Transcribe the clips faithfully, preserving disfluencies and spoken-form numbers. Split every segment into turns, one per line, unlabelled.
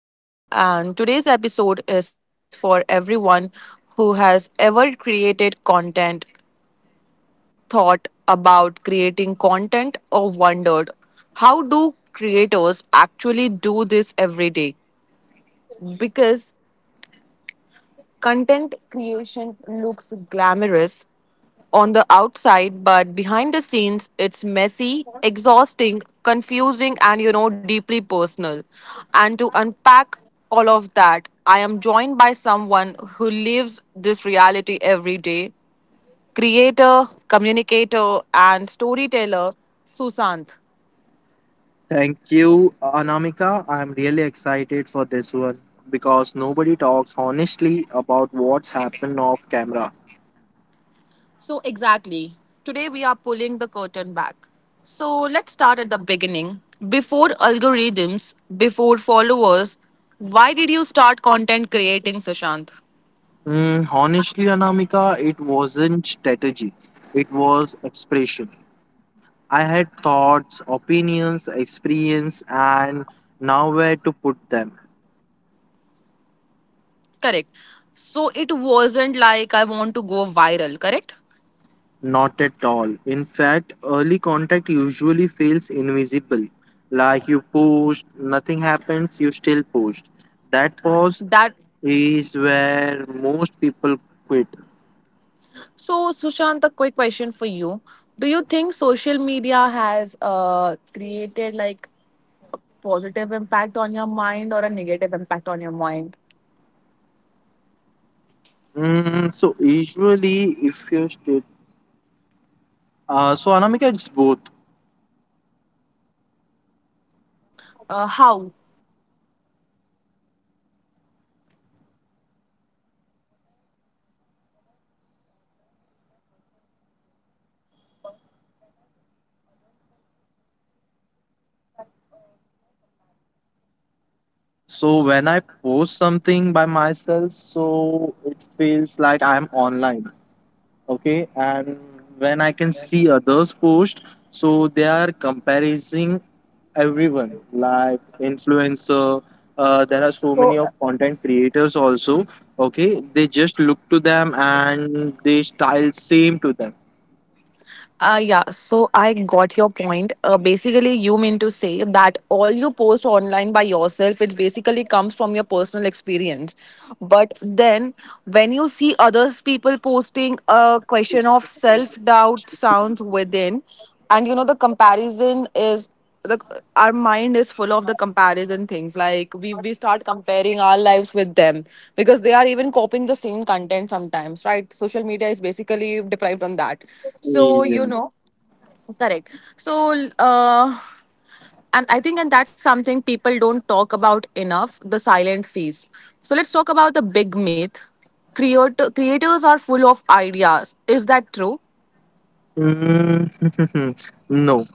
Anamika, and today's episode is for everyone who has ever created content, thought about creating content, or wondered how do creators actually do this every day? Because content creation looks glamorous on the outside, but behind the scenes, it's messy, exhausting, confusing, and you know, deeply personal. And to unpack all of that, I am joined by someone who lives this reality every day creator, communicator, and storyteller, Susant.
Thank you, Anamika. I'm really excited for this one because nobody talks honestly about what's happened off camera.
So, exactly. Today we are pulling the curtain back. So, let's start at the beginning. Before algorithms, before followers, why did you start content creating, Sushant?
Mm, honestly, Anamika, it wasn't strategy, it was expression. I had thoughts, opinions, experience, and nowhere to put them.
Correct. So, it wasn't like I want to go viral, correct?
Not at all. In fact, early contact usually feels invisible. Like you post, nothing happens, you still post. That pause
That
is where most people quit.
so, Sushant, a quick question for you. Do you think social media has uh, created like a positive impact on your mind or a negative impact on your mind?
Mm, so usually, if you state, uh, so Anamika, it's both.
Uh, how?
So when I post something by myself, so it feels like I'm online, okay. And when I can see others post, so they are comparing everyone, like influencer. Uh, there are so many of content creators also, okay. They just look to them and they style same to them.
Uh, yeah, so I got your point. Uh, basically, you mean to say that all you post online by yourself, it basically comes from your personal experience. But then, when you see others people posting a question of self doubt sounds within, and you know the comparison is the our mind is full of the comparison things like we we start comparing our lives with them because they are even copying the same content sometimes, right? Social media is basically deprived on that, so
Yeah.
you know correct. So uh and I think and that's something people don't talk about enough, the silent phase. So let's talk about the big myth. Creator, creators are full of ideas, is that true?
Mm, No,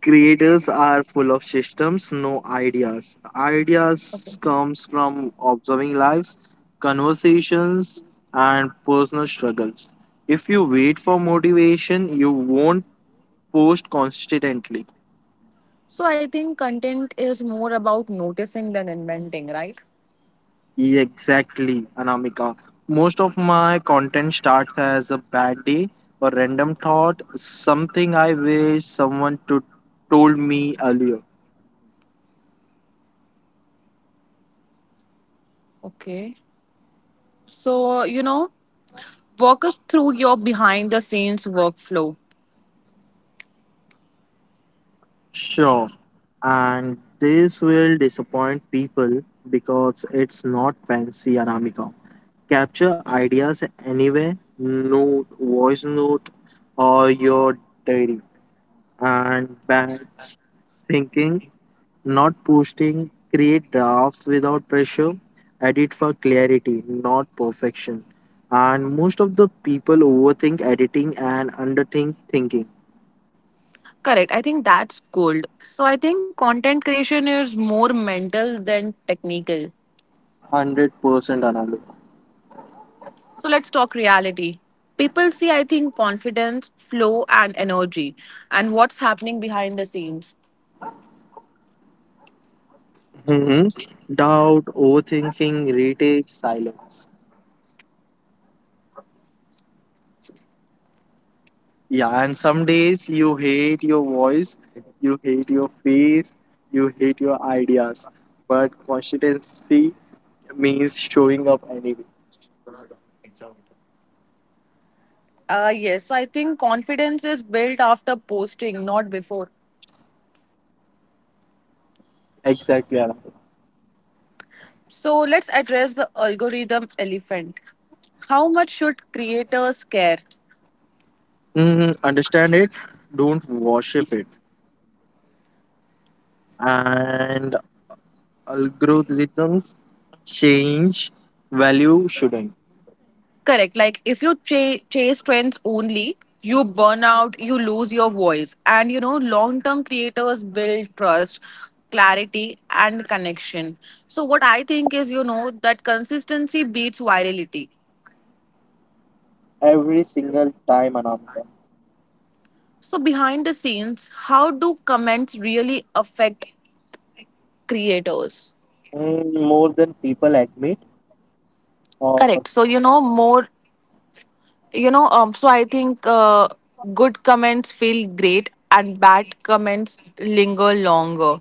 creators are full of systems, no ideas. Ideas comes from observing lives, conversations, and personal struggles. If you wait for motivation, you won't post constantly.
So I think content is more about noticing than inventing, right?
Exactly, Anamika. Most of my content starts as a bad day or random thought, something I wish someone to told me earlier.
Okay. So, you know, walk us through your behind the scenes workflow.
Sure, and this will disappoint people because it's not fancy, Anamika. Capture ideas anywhere, note, voice note, or your diary, and batch thinking. Not posting, create drafts without pressure, edit for clarity, not perfection. And most of the people overthink editing and underthink thinking.
Correct. I think that's gold. So, I think content creation is more mental than technical.
one hundred percent Anand.
So, let's talk reality. People see, I think, confidence, flow, and energy, and what's happening behind the scenes.
Mhm. Doubt, overthinking, retake, silence. Yeah, and some days you hate your voice, you hate your face, you hate your ideas. But consistency means showing up anyway.
Uh, yes. So, I think confidence is built after posting, not before.
Exactly, Anand.
So, let's address the algorithm elephant. How much should creators care?
Mm, understand it, don't worship it. And algorithms change, value shouldn't.
Correct. Like if you ch- chase trends only, you burn out, you lose your voice. And you know, long term creators build trust, clarity, and connection. So, what I think is, you know, that consistency beats virality.
Every single time, Anamika.
So, behind the scenes, how do comments really affect creators?
Mm, more than people admit, or
Correct. So, you know, more you know um, so I think uh, good comments feel great and bad comments linger longer.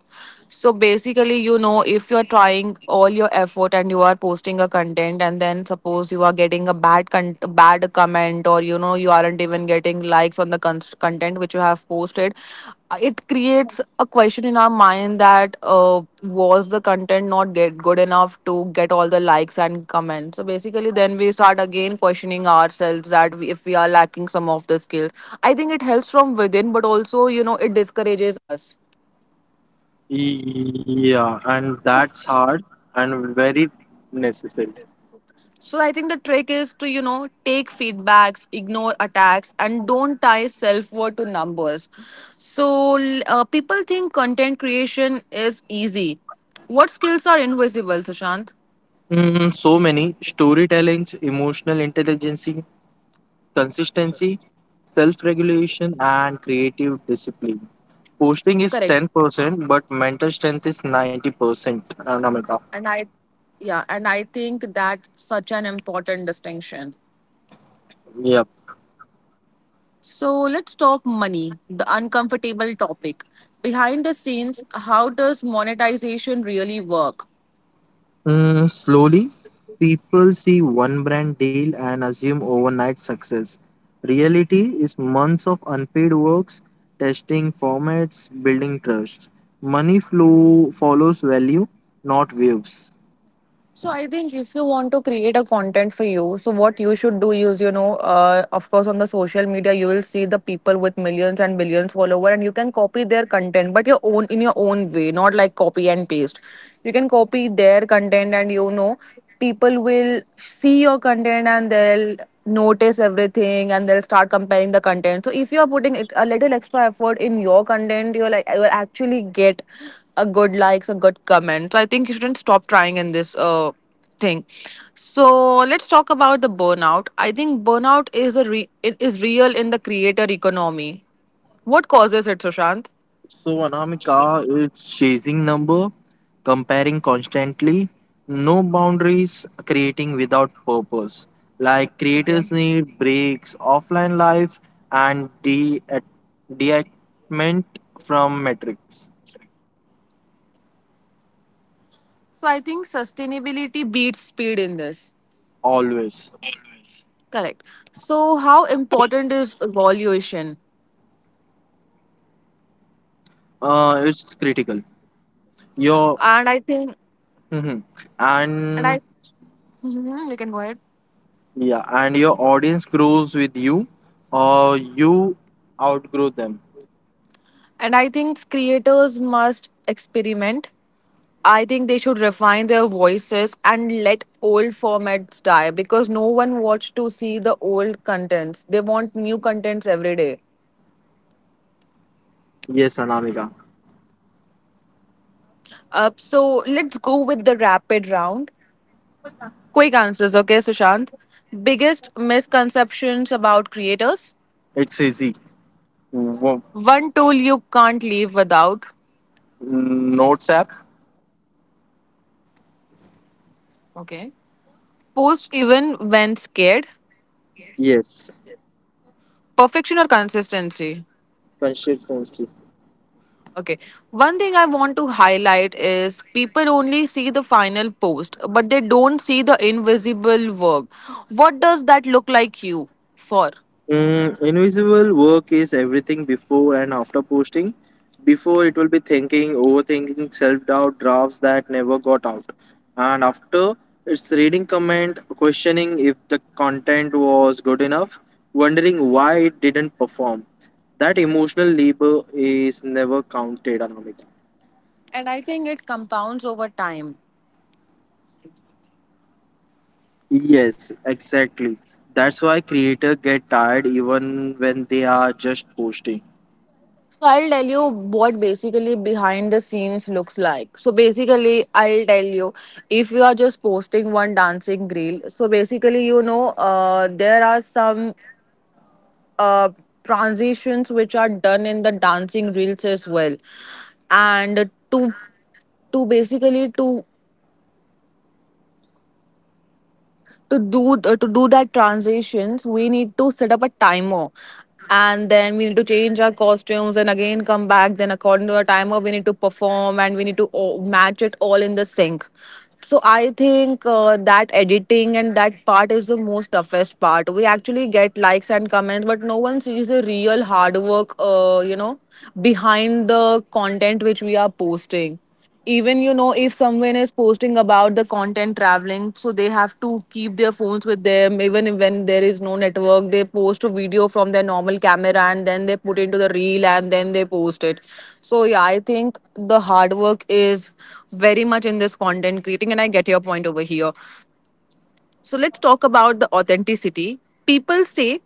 So basically, you know, if you're trying all your effort and you are posting a content and then suppose you are getting a bad con- bad comment, or you know you aren't even getting likes on the con- post content which you have posted, uh, it creates a question in our mind that uh, was the content not get good enough to get all the likes and comments. So basically then we start again questioning ourselves that we, if we are lacking some of the skills. I think it helps from within, but also you know it discourages us.
yeah, and that's hard and very necessary.
So I think the trick is to, you know, take feedbacks, ignore attacks, and don't tie self worth to numbers. So uh, people think content creation is easy. What skills are invisible, Sushant?
Mm, so many storytellings, emotional intelligence, consistency, self regulation, and creative discipline. Posting is
Correct.
ten percent, but mental strength is ninety percent. Anamika.
And I, yeah, and I think that's such an important distinction.
Yep.
So let's talk money, the uncomfortable topic. Behind the scenes, how does monetization really work?
Mm, slowly, people see one brand deal and assume overnight success. Reality is months of unpaid works, testing formats, building trust. Money flow follows value, not waves.
So I think if you want to create a content for you, so what you should do is, you know, uh, of course, on the social media, you will see the people with millions and billions follower, and you can copy their content, but your own in your own way, not like copy and paste. You can copy their content, and you know, people will see your content and they'll notice everything and they'll start comparing the content. So if you are putting it a little extra effort in your content, you'll like you'll actually get a good likes, a good comment. So I think you shouldn't stop trying in this uh thing. So let's talk about the burnout. I think burnout is a re- it is real in the creator economy. What causes it, Sushant?
So Anamika, it's chasing number, comparing constantly, no boundaries, creating without purpose. Like
Okay.
creators need breaks, offline life, and de- detachment from metrics.
So I think sustainability beats speed in this.
Always,
Correct. So, how important is evaluation?
uh, it's critical. Your
And I think,
mhm.
and I,
and
Mhm, you can go ahead.
Yeah, and your audience grows with you, or you outgrow them.
And I think creators must experiment. I think they should refine their voices and let old formats die because no one wants to see the old contents. They want new contents every day.
Yes, Anamika,
Uh, so let's go with the rapid round. Quick answers, okay, Sushant? Biggest misconceptions about creators?
it's easy. Wo-
One tool you can't live without.
Notes app?
Okay. Post even when scared.
Yes.
Perfection or consistency.
Consistency.
Okay. One thing I want to highlight is people only see the final post, but they don't see the invisible work. What does that look like you for?
Mm, invisible work is everything before and after posting. Before, it will be thinking, overthinking, self doubt, drafts that never got out. And after, it's reading comment, questioning if the content was good enough, wondering why it didn't perform. That emotional labor is never counted, Anamika.
And I think it compounds over time.
Yes, exactly. That's why creators get tired even when they are just posting.
So I'll tell you what basically behind the scenes looks like. So basically, I'll tell you, if you are just posting one dancing reel. So basically, you know, uh, there are some uh, transitions which are done in the dancing reels as well, and to to basically to to do uh, to do that transitions, we need to set up a timer, and then we need to change our costumes and again come back. Then according to our timer, we need to perform, and we need to o- match it all in the sync. So I think uh, that editing and that part is the most toughest part. We actually get likes and comments, but no one sees the real hard work, uh, you know, behind the content which we are posting. Even, you know, if someone is posting about the content traveling, so they have to keep their phones with them. Even if when there is no network, they post a video from their normal camera and then they put into the reel and then they post it. So yeah, I think the hard work is very much in this content creating, and I get your point over here. So let's talk about the authenticity. People say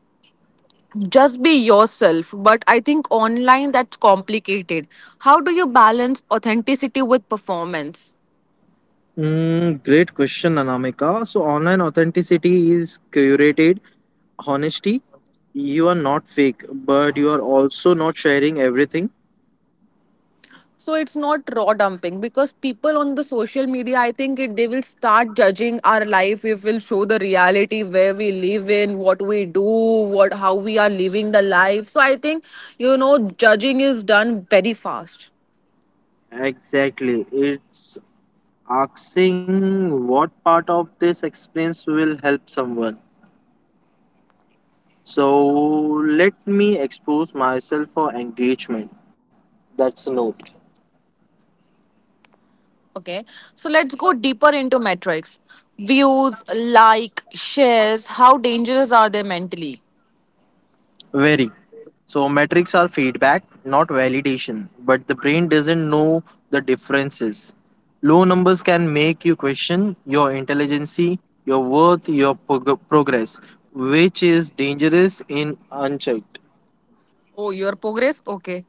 just be yourself, but I think online that's complicated. How do you balance authenticity with performance?
Mm, great question, Anamika. So online authenticity is curated honesty. You are not fake, but you are also not sharing everything.
So it's not raw dumping, because people on the social media, I think, it they will start judging our life. It will show the reality where we live in, what we do, what how we are living the life. So I think, you know, judging is done very fast.
Exactly. It's asking what part of this experience will help someone. So let me expose myself for engagement. That's a note.
Okay, so let's go deeper into metrics. Views, like, shares, how dangerous are they mentally?
Very. So metrics are feedback, not validation, but the brain doesn't know the differences. Low numbers can make you question your intelligence, your worth, your prog- progress, which is dangerous in unchecked.
Oh, your progress, okay.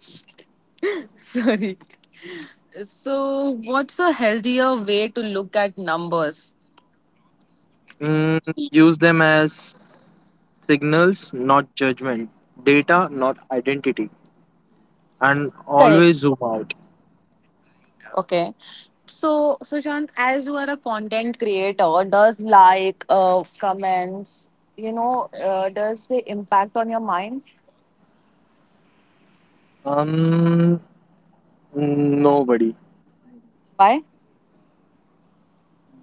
Sorry. So what's a healthier way to look at numbers?
Mm, Use them as signals, not judgment, data, not identity, and
Correct.
always zoom out.
Okay. So, Sushant, as you are a content creator, does like, uh, comments, you know, uh, does they impact on your mind?
Um, Nobody.
Why?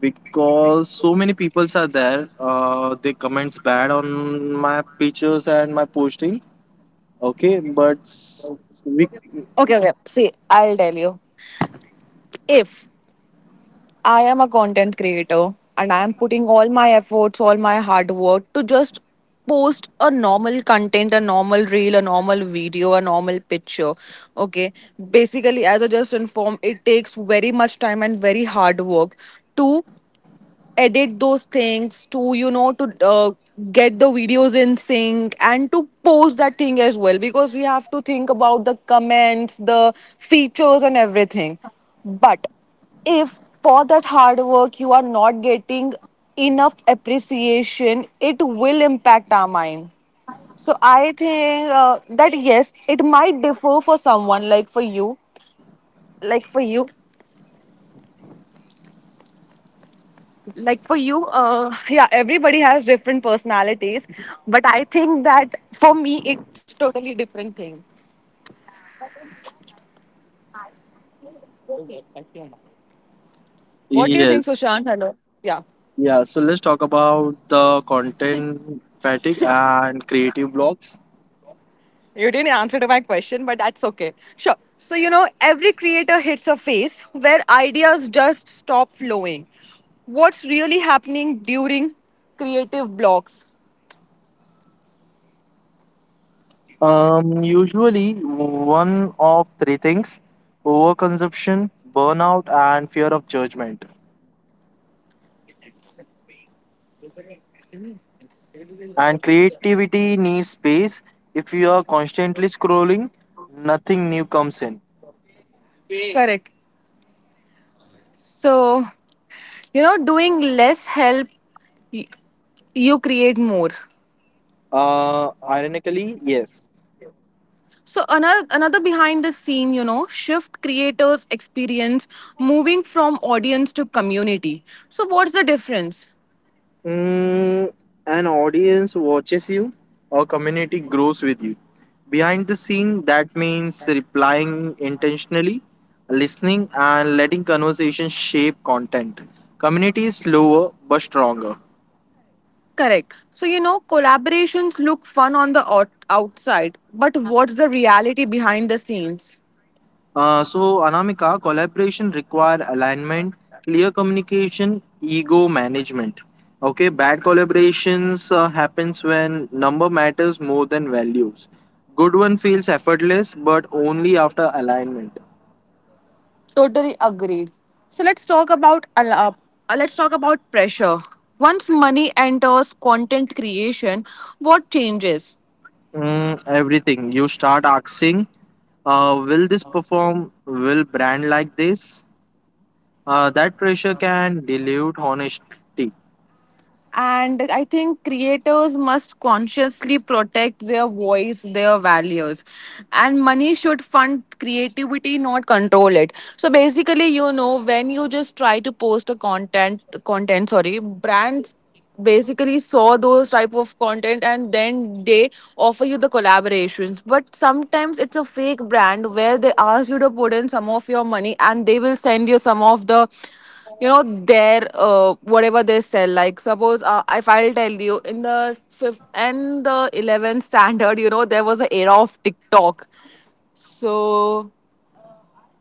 Because so many peoples are there, uh, they comments bad on my pictures and my posting, okay. But s- we
Okay, okay. See, I'll tell you. If I am a content creator and I am putting all my efforts, all my hard work to just post a normal content, a normal reel, a normal video, a normal picture. Okay. Basically, as I just informed, it takes very much time and very hard work to edit those things, to you know to uh, get the videos in sync and to post that thing as well, because we have to think about the comments, the features and everything. But if for that hard work you are not getting enough appreciation, it will impact our mind. So I think uh, that yes, it might differ for someone like for you like for you like for you uh, Yeah, everybody has different personalities, but I think that for me it's totally different thing. What do you think,
Yes.
Sushant? Hello? Yeah,
Yeah, so let's talk about the content fatigue and creative blocks.
you didn't answer to my question, but that's okay. Sure. So you know every creator hits a phase where ideas just stop flowing. What's really happening during creative blocks?
Um usually one of three things: overconsumption, burnout, and fear of judgment. And creativity needs space. If you are constantly scrolling, nothing new comes in.
Correct. So you know, doing less help, y- you create more.
Uh, ironically, yes.
So another another behind the scene, you know, shift creators experience moving from audience to community. So what's the difference?
Mm, an audience watches you, a community grows with you. Behind the scene, that means replying intentionally, listening, and letting conversation shape content. Community is slower but stronger.
Correct. So you know, collaborations look fun on the out- outside, but what's the reality behind the scenes?
Uh, so, Anamika, collaboration require alignment, clear communication, ego management. Okay, bad collaborations uh, happens when number matters more than values. Good one feels effortless, but only after alignment.
Totally agreed. So let's talk about al- uh, let's talk about pressure. Once money enters content creation, what changes?
Mm, everything. You start asking, uh, will this perform? Will brand like this? Uh, that pressure can dilute honesty.
And I think creators must consciously protect their voice, their values. And money should fund creativity, not control it. So basically, you know, when you just try to post a content content, sorry, brands basically saw those type of content, and then they offer you the collaborations. But sometimes it's a fake brand where they ask you to put in some of your money and they will send you some of the, you know, their uh, whatever they sell. Like suppose uh, if I'll tell you, in the fifth and the eleventh standard you know, there was an era of TikTok. So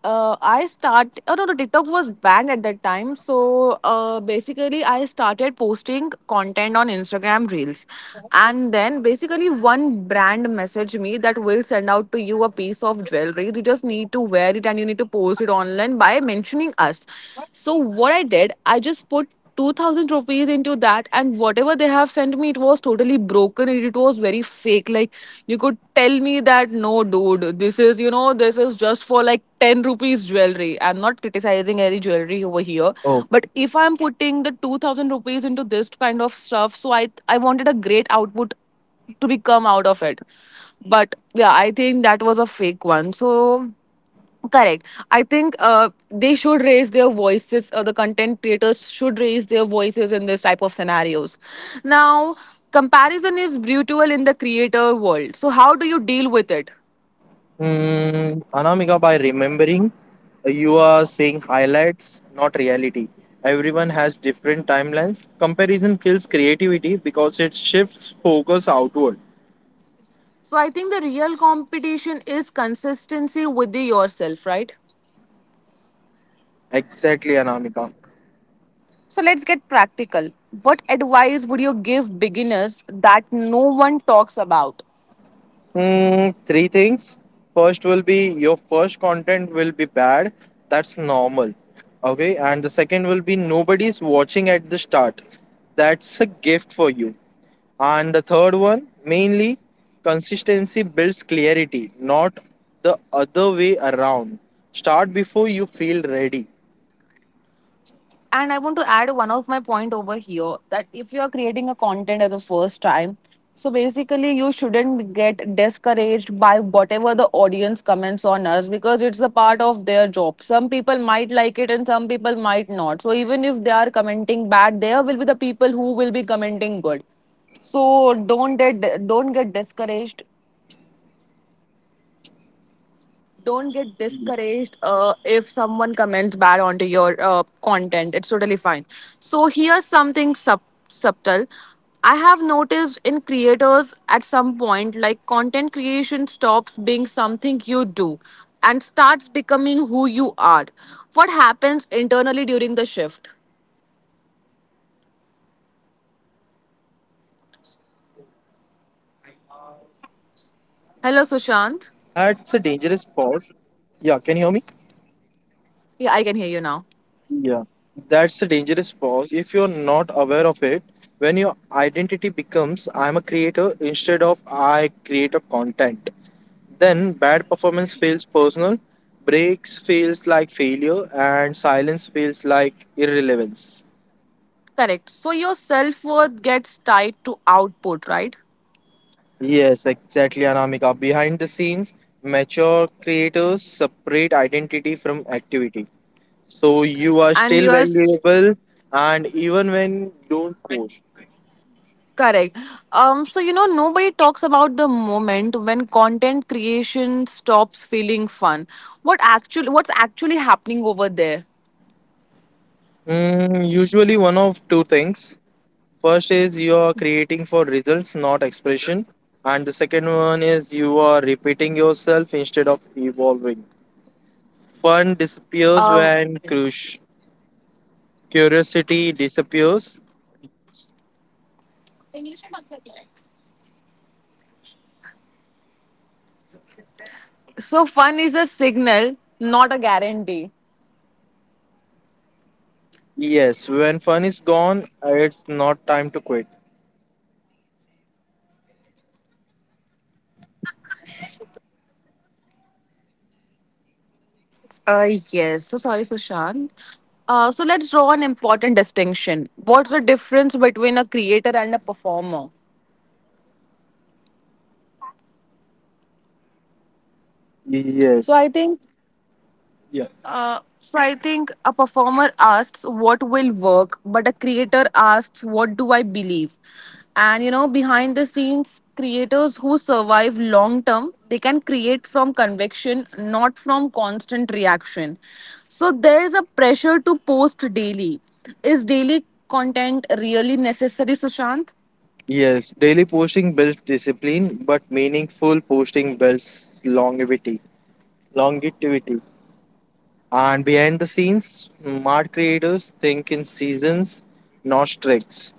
uh, I start. Oh no, no, TikTok was banned at that time. So uh, basically, I started posting content on Instagram Reels, and then basically one brand messaged me that will send out to you a piece of jewelry. You just need to wear it and you need to post it online by mentioning us. So what I did, I just put two thousand rupees into that, and whatever they have sent me, it was totally broken and it was very fake. Like, you could tell me that, no dude, this is, you know, this is just for like ten rupees jewelry. I'm not criticizing any jewelry over here,
Oh.
but if I'm putting the two thousand rupees into this kind of stuff, so i i wanted a great output to become out of it. But yeah, I think that was a fake one. So correct, I think uh, they should raise their voices. Uh, the content creators should raise their voices in this type of scenarios. Now, comparison is brutal in the creator world. So how do you deal with it?
Mm, Anamika, by remembering you are saying highlights, not reality. Everyone has different timelines. Comparison kills creativity because it shifts focus outward.
So I think the real competition is consistency with yourself, right?
Exactly, Anamika.
So let's get practical. What advice would you give beginners that no one talks about?
Hmm, three things. First will be your first content will be bad. That's normal. Okay, and the second will be nobody's watching at the start. That's a gift for you. And the third one, mainly consistency builds clarity, not the other way around. Start before you feel ready.
And I want to add one of my point over here, that if you are creating a content as a first time, so basically you shouldn't get discouraged by whatever the audience comments on us, because it's a part of their job. Some people might like it and some people might not. So even if they are commenting bad, there will be the people who will be commenting good. So don't get don't get discouraged. Don't get discouraged, uh, if someone comments bad onto your uh, content, it's totally fine. So here's something sub- subtle I have noticed in creators. At some point, like, content creation stops being something you do and starts becoming who you are. What happens internally during the shift?
Yes. Uh, that's a dangerous
Hello,
pause.
Sushant.
Yeah, can you hear me?
Yeah, I can hear you now.
Yeah. That's a dangerous pause if you're not aware of it. When your identity becomes I'm a creator instead of I create a content, then bad performance feels personal, breaks feels like failure, and silence feels like irrelevance.
Correct, so your self-worth gets tied to output, right?
Yes, exactly, Anamika. Behind the scenes, mature creators separate identity from activity. So you are
And
still
yours.
valuable, and even when you don't post.
Correct. Um, so you know, nobody talks about the moment when content creation stops feeling fun. What actually, what's actually happening over there?
Mm, usually, one of two things. First is you are creating for results, not expression. And the second one is you are repeating yourself instead of evolving. Fun disappears when crush, curiosity disappears.
So fun is a signal, not a guarantee.
Yes, when fun is gone, it's not time to quit.
Uh, yes. So sorry, Sushant. Uh, so let's draw an important distinction. What's the difference between a creator and a performer? So
Yes.
I think,
Yeah.
Uh, so I think a performer asks what will work, but a creator asks what do I believe. And you know, behind the scenes, creators who survive long term, they can create from conviction, not from constant reaction. So there is a pressure to post daily. Is daily content really necessary, Sushant?
Yes. Daily posting builds discipline, but meaningful posting builds longevity. Longevity. And behind the scenes, smart creators think in seasons, not streaks.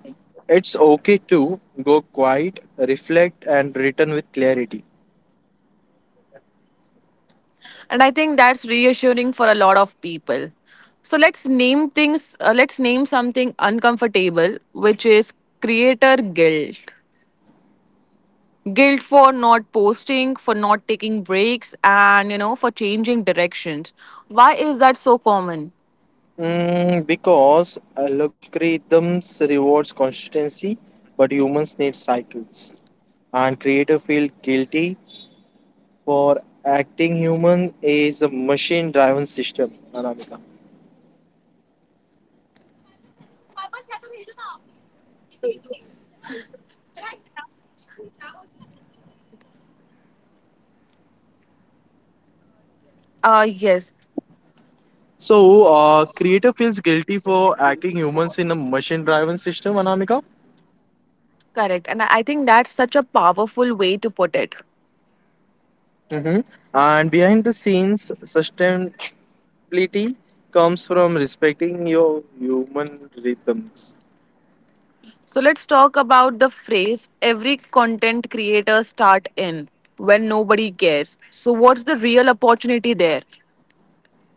It's okay to go quiet, reflect, and return with clarity.
And I think that's reassuring for a lot of people. So let's name things, uh, let's name something uncomfortable, which is creator guilt. Guilt for not posting, for not taking breaks, and you know, for changing directions. Why is that so common?
Mm, because algorithms rewards consistency, but humans need cycles. And creator feel guilty for acting human is a machine-driven system, Anamika.
Uh, yes.
So, uh, creator feels guilty for acting humans in a machine-driven system, Anamika.
Correct, and i I think that's such a powerful way to put it.
Hmm. And behind the scenes, sustainability comes from respecting your human rhythms.
So let's talk about the phrase every content creator start in, when nobody cares. So what's the real opportunity there?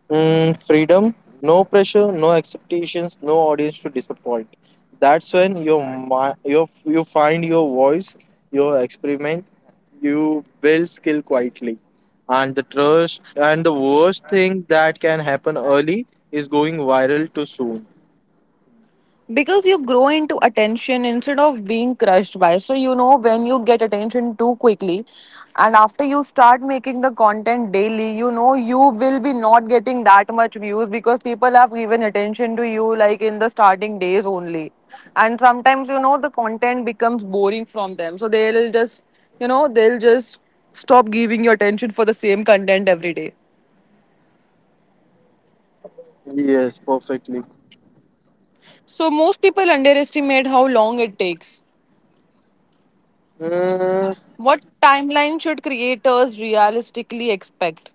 Mm, freedom, no pressure, no expectations, no audience to disappoint. That's when your mi- your you find your voice, your experiment, you build skill quietly. And the trust and the worst thing that can happen early is going viral too soon.
Because you grow into attention instead of being crushed by. So you know, when you get attention too quickly, and after you start making the content daily, you know, you will be not getting that much views, because people have given attention to you like in the starting days only. And sometimes, you know, the content becomes boring from them, so they'll just, you know, they'll just stop giving you attention for the same content every day.
Yes, perfectly.
So most people underestimate how long it takes.
Mm,
What timeline should creators realistically expect?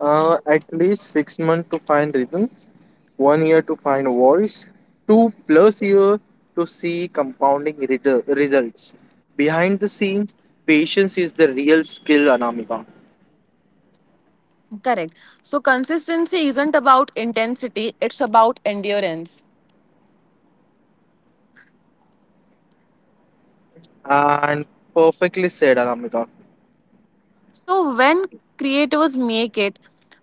Uh, at least six months to find rhythms, one year to find voice, two plus year to see compounding redu- results. Behind the scenes, patience is the real skill, Anamika.
Correct. So consistency isn't about intensity, it's about endurance.
And perfectly said, Anamika.
So when creators make it,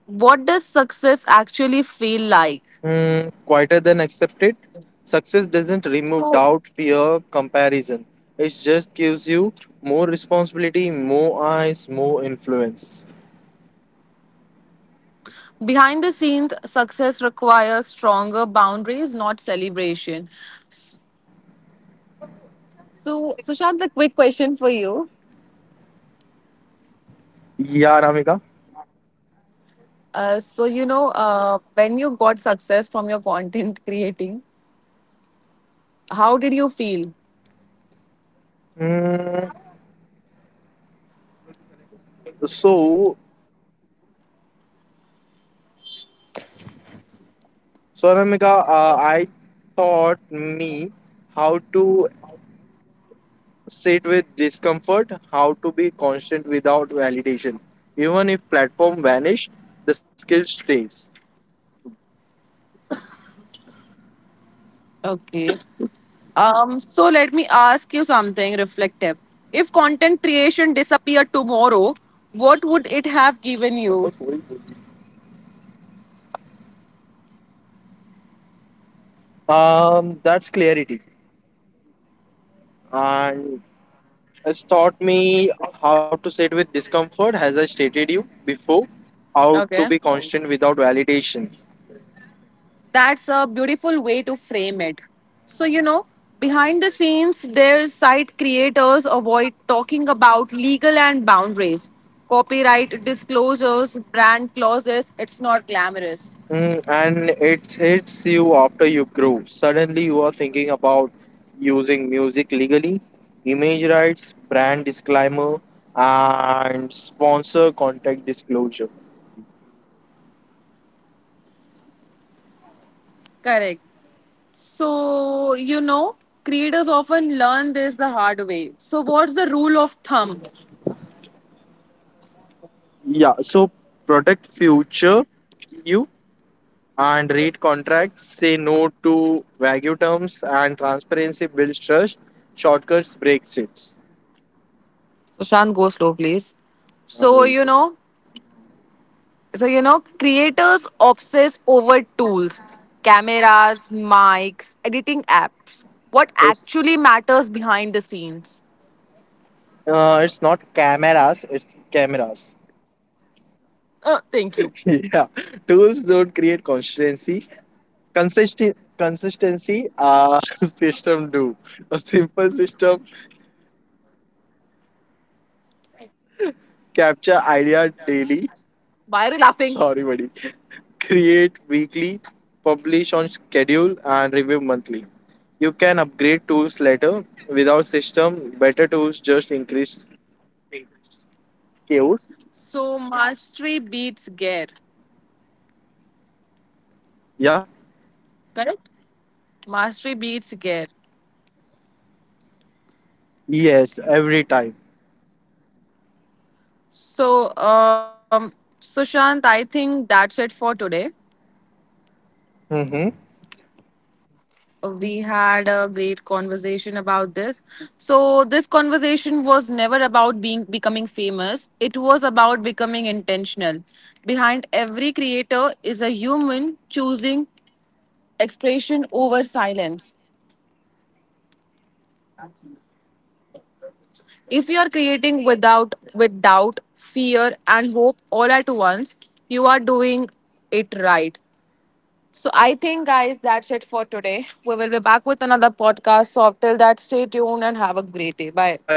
what does success actually feel like?
Hmm, quieter than accepted. Success doesn't remove
So,
doubt, fear, comparison. It just gives you more responsibility, more eyes, more influence.
behind the scenes, success requires stronger boundaries, not celebration. So, Sushant, a quick question for you.
Yeah, Anamika.
Uh, so, you know, uh, when you got success from your content creating, how did you feel?
Hmm, so So, Anamika, uh, I taught me how to sit with discomfort, how to be constant without validation. Even if platform vanished, the skill stays.
Okay. Um, so let me ask you something reflective. If content creation disappeared tomorrow, what would it have given you?
Um, that's clarity, and it's taught me how to sit with discomfort, as I stated you before, how to be
Okay.
constant without validation.
That's a beautiful way to frame it. So, you know, behind the scenes, their site creators avoid talking about legal and boundaries, copyright disclosures, brand clauses. It's not glamorous.
Mm, and it hits you after you grow. Suddenly, you are thinking about using music legally, image rights, brand disclaimer, and sponsor contact disclosure.
Correct. So, you know, creators often learn this the hard way. So what's the rule of thumb?
Yeah, so protect future you and read contracts, say no to vague terms, and transparency builds trust. Shortcuts breaks it.
So, Shant, go slow, please.
I'm
So,
really
you
sorry.
know, so you know, creators obsess over tools, cameras, mics, editing apps. What
It's,
actually matters behind the scenes?
uh, it's not cameras, it's cameras.
Uh, thank you.
Yeah, tools don't create consistency. Consistency consistency uh, system do. A simple system: capture idea daily.
Why are you laughing?
Sorry buddy. Create weekly, publish on schedule, and review monthly. You can upgrade tools later. Without system, better tools just increase chaos.
So, mastery beats gear.
Yeah.
Correct? Mastery beats gear.
Yes, every time.
So, um, Sushant, I think that's it for today.
Mm-hmm.
We had a great conversation about this. So this conversation was never about being becoming famous, it was about becoming intentional. Behind every creator is a human choosing expression over silence. If you are creating without, with doubt, fear and hope all at once, you are doing it right. So I think guys, that's it for today. We will be back with another podcast, so till that, stay tuned and have a great
Bye
day.
bye
Bye.
guys.